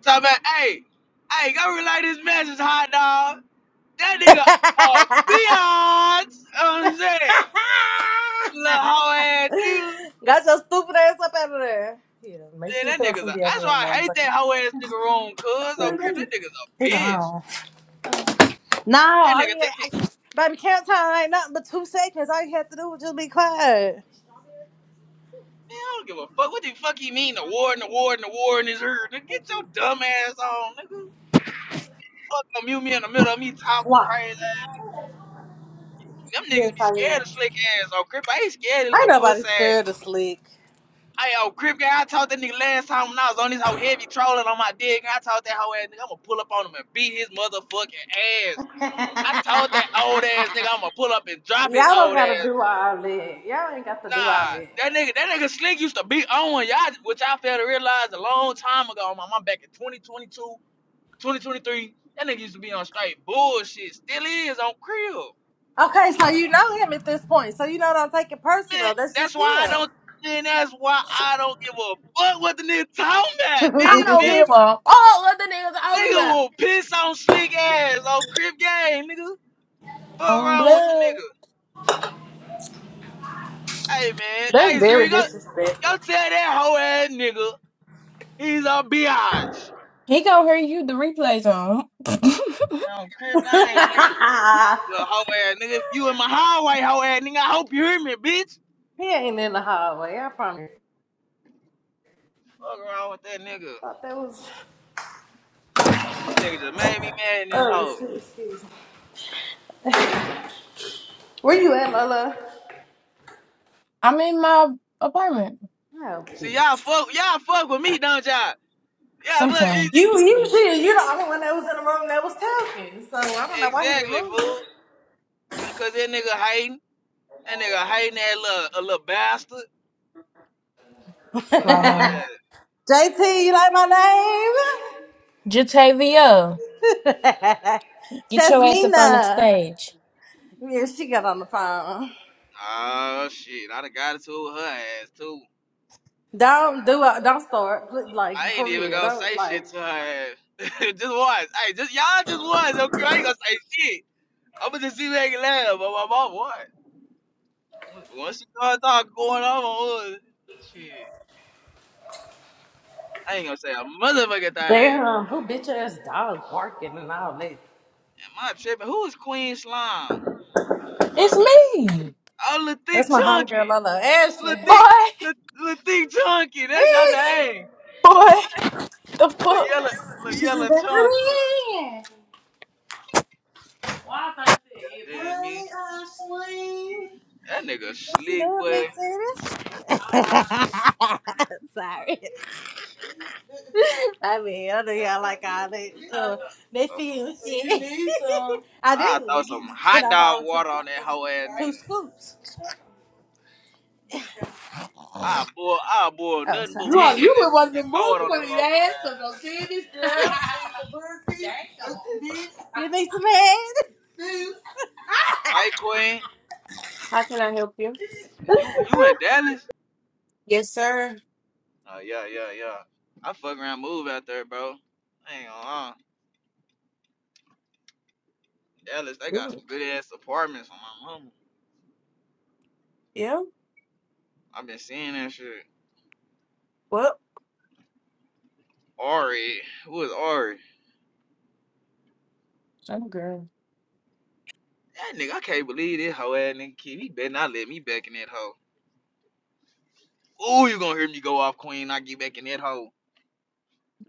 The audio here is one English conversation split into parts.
So man, hey, hey, go relay this message, hot dog. That nigga a biatch. You know what I'm saying? Little hoe ass dude. Got your stupid ass up out of there. Yeah, make Man, sure you that put on nigga's a. some That's deodorant why I morning, hate okay? that hoe ass nigga room, cuz. Oh, creep, that nigga's a He bitch. gone. No, That all you nigga think had, he. I, baby, count time ain't nothing but two seconds. All you have to do was just be quiet. Man, I don't give a fuck. What the fuck he mean? The war and the war and the war in his ear. Nigga, get your dumb ass on, nigga. Fuck them, you me in the middle of me talking Why? crazy. Them niggas be scared of slick ass Oh crip. I ain't scared of Ain't little nobody puss ass. scared of slick. Hey, yo, Crip Gang, I told that nigga last time when I was on this whole heavy trolling on my dick. I told that whole ass nigga, I'm gonna pull up on him and beat his motherfucking ass. I told that old ass nigga, I'm gonna pull up and drop his Y'all don't old gotta ass. do all that. Y'all ain't got to do all Nah, that. that nigga, that nigga Slick used to be on y'all, which I failed to realize a long time ago. My mom back in 2022, 2023. That nigga used to be on straight bullshit. Still is on Crib. Okay, so you know him at this point, so you know don't take it Man, personal. That's that's just why I him. don't, man, that's why I don't give a fuck what the nigga talking about. Nigga, I you don't feel me? give a fuck what the niggas talking Nigga about. will piss on slick ass on Crip Game, nigga. Fuck On wrong with the blood. nigga. Hey man, That's hey Zuri, very go, go disrespectful. tell that hoe ass nigga he's a biatch. He gonna hear you the replays on. On Crip he Game, nigga. Little hoe ass nigga. If you in my hallway, hoe ass nigga, I hope you hear me, bitch. ain't in the hallway. I promise. Fuck wrong with that nigga. Thought that was. Nigga just made me mad in this hoe. Where you at, Lola? I'm in my apartment. Oh, See y'all bitch. fuck y'all fuck with me, don't y'all? Yeah, fuck Sometimes. You you shit, you the only one that was in the room that was talking. So I don't know why he exactly, removed you. fool. Uh, Cause that nigga hating. That nigga hating that little a little bastard. The Right hoe on. ass. JT, you like my Jatavia, name? get your ass up on the Jasmina. stage. Yeah, she got on the phone. Oh shit, I'd have got it to her ass too. Don't do it. Don't start. Like I ain't for even real. gonna Don't say like. shit to her ass. just once. Hey, just y'all just once, okay? I ain't gonna say shit. I'ma just see if I can laugh, but my mom what? Once she started talking going off on her, shit. I ain't gonna say a motherfucking thing. Damn, who bitch ass dog barking and all that. Am I tripping? Who is Queen Slime? Uh, It's me. oh, Lil Thick That's my Chunky. homegirl Lola Lil Ashley. Boy. Thick, Lil, Lil Thick Chunky. That's your Bitch. name. Boy. The Lil fuck? Yellow, Lil Come Yellow Chunker. here. Goddamn me. Hi, Ashley. That nigga What you slick, doing, boy. big titties? Sorry. I mean, I know y'all like all they uh, they Throw some, feel shit. You need some. I I throw do. some Can hot I dog borrow two water on that cookies? whole ass Two nigga. scoops. I boil, I boil Oh, nothing sorry. but You are weenies you and, were one of the and throw most it on one his of motherfucking the ass of ass. those titties. You need some head? Hey Queen, How can I help you? you you in Dallas? Yes, sir. Oh yeah, yeah, yeah. I fuck around move out there, bro. I ain't gonna lie. Dallas, they got Ooh, some good ass apartments on my mama. yeah. I've been seeing that shit. What? Ari, who is Ari? Oh, girl, That nigga, I can't believe this hoe ass nigga kid. He better not let me back in that hoe. Ooh, you gonna hear me go off, Queen? I get back in that hoe.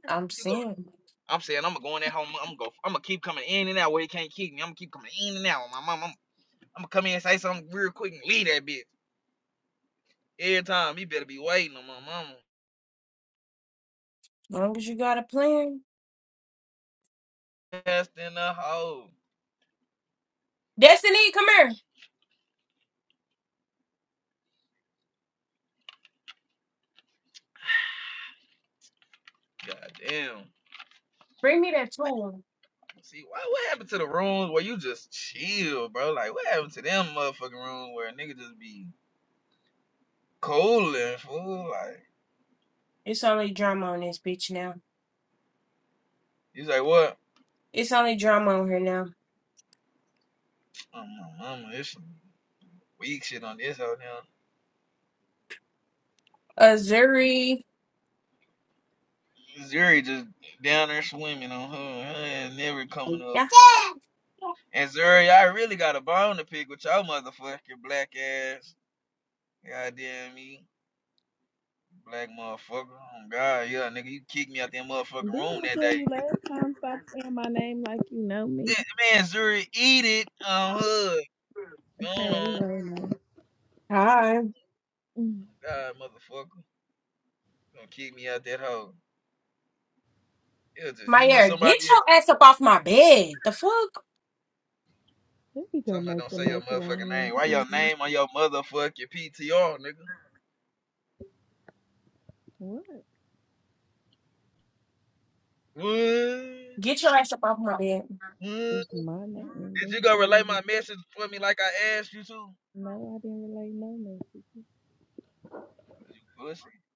I'm You seeing. I'm saying I'm gonna go in that home. I'm gonna go. I'm gonna keep coming in and out where he can't keep me. I'm gonna keep coming in and out with my mom. I'm, I'm gonna come in and say something real quick and leave that bitch every time. He better be waiting on my mama. As long as you got a plan. Just in the hole. Destiny, come here. Goddamn. Bring me that tool. See what what happened to the rooms where you just chill, bro? Like what happened to them motherfucking rooms where a nigga just be cooling and fool? Like It's only drama on this bitch now. he's like what? It's only drama on her now. Oh, my mama, there's some weak shit on this hoe now. Azuri. Zuri just down there swimming on her, her ass never coming up. Yeah. And Zuri, I really got a bone to pick with y'all motherfucking black ass. Goddamn me. Black motherfucker. Oh god, yeah, nigga, you kicked me out that motherfucking Didn't room I that tell day. you last time stop saying my name like you know me? Yeah, Man, Zuri, eat it on hood. Going Hey, on. Lena. Hi. Mm, God, motherfucker. Gonna kick me out that hole. It was just you or Maya, somebody get else. your ass up off my bed. The fuck? Let me go Somebody make don't the say your motherfucking macaroni and name. Why your cheese. name on your motherfucking PTR, nigga? What What? Get your ass up off my bed. What? is my name? Did That's you go what I relay was. my message for me like I asked you to? Cause No, I didn't relate no message. you pussy.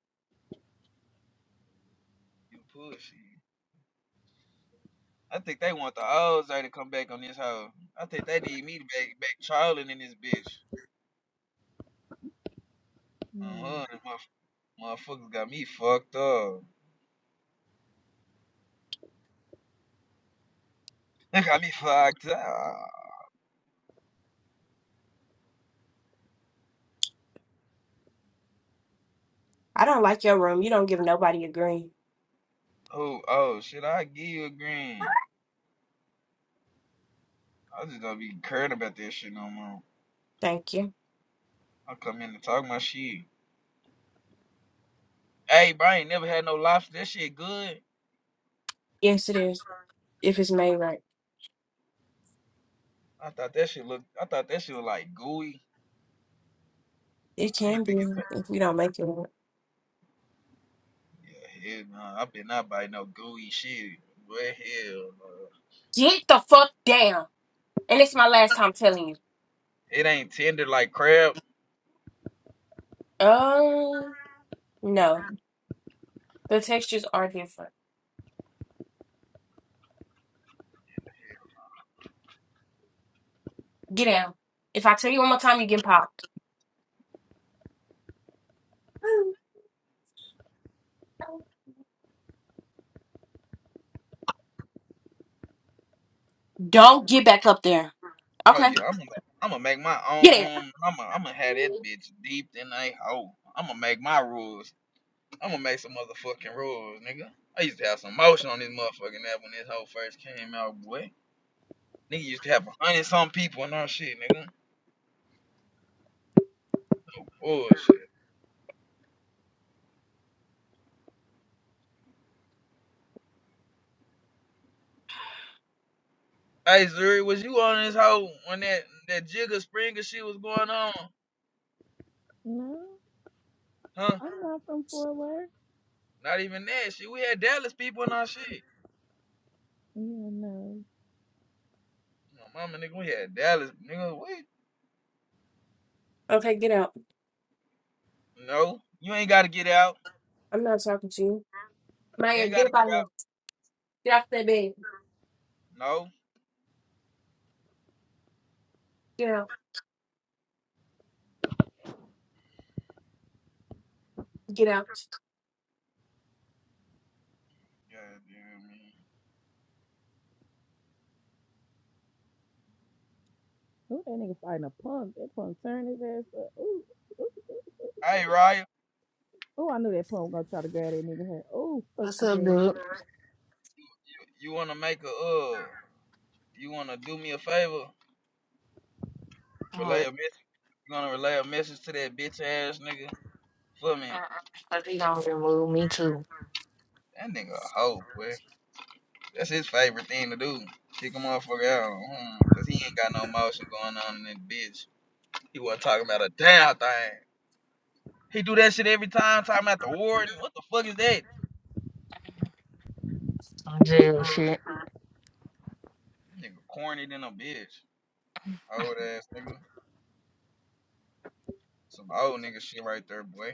You pussy. I think they want the old Zay to come back on this hoe. I think they need me to back back trolling in this bitch. No, Uh-huh. the Motherf- motherfuckers got me fucked up. They got me fucked up. I don't like your room. You don't give nobody a green. Oh, oh, shit, I give you a green. I just don't be caring about that shit no more. Thank you. I come in and talk my shit. Hey, bro, I ain't never had no lobster. That shit good. Yes, it is. If it's made right. I thought that shit looked I thought that shit was like gooey. It I can ain't thinking be if we don't make it right. yeah, hell no. I been not biting no gooey shit. What hell no. Get the fuck down. And it's my last time telling you. It ain't tender like crab. Um, no, the textures are different. Get down. If I tell you one more time, you get popped. Don't get back up there. Oh Okay, yeah, I'm gonna I'm gonna make my own get room. I'm gonna I'm gonna have that out. bitch deep in a hole. I'm gonna make my rules. I'm gonna make some motherfucking rules, nigga. I used to have some motion on this motherfucking app when this whole first came out, boy. Nigga used to have a hundred some people and all shit, nigga. Oh shit. Hey Zuri, was you on this hoe when that that Jigga Springer shit was going on? no, Huh? I'm not from Fort Worth. Not even that shit. We had Dallas people and our shit. Yeah, no. My mama, nigga, we had Dallas, nigga. What? Okay, get out. No, you ain't gotta get out. I'm not talking to you. You Maya, ain't get gotta up get out of here. out. Get off that bed. No, Get out. Get out. God damn me. Who that nigga fighting a punk? That punk turned his ass up. Ooh, ooh, ooh. Hey, Raya, Oh, I knew that punk was gonna try to grab that nigga head. Oh, fuck What's his up, ass dude? you you wanna make a uh? You wanna do me a favor? All Relay right. a message. You gonna relay a message to that bitch ass nigga for me? Uh-uh. I think y'all remove me too. That nigga a hoe, boy. That's his favorite thing to do. Kick a motherfucker out, hmm, cause he ain't got no motion going on in this bitch. He wasn't talking about a damn thing. He do that shit every time, talking about the warden. What the fuck is that? Some jail shit. Nigga corny than a bitch. Old ass nigga. Some old nigga shit right there, boy.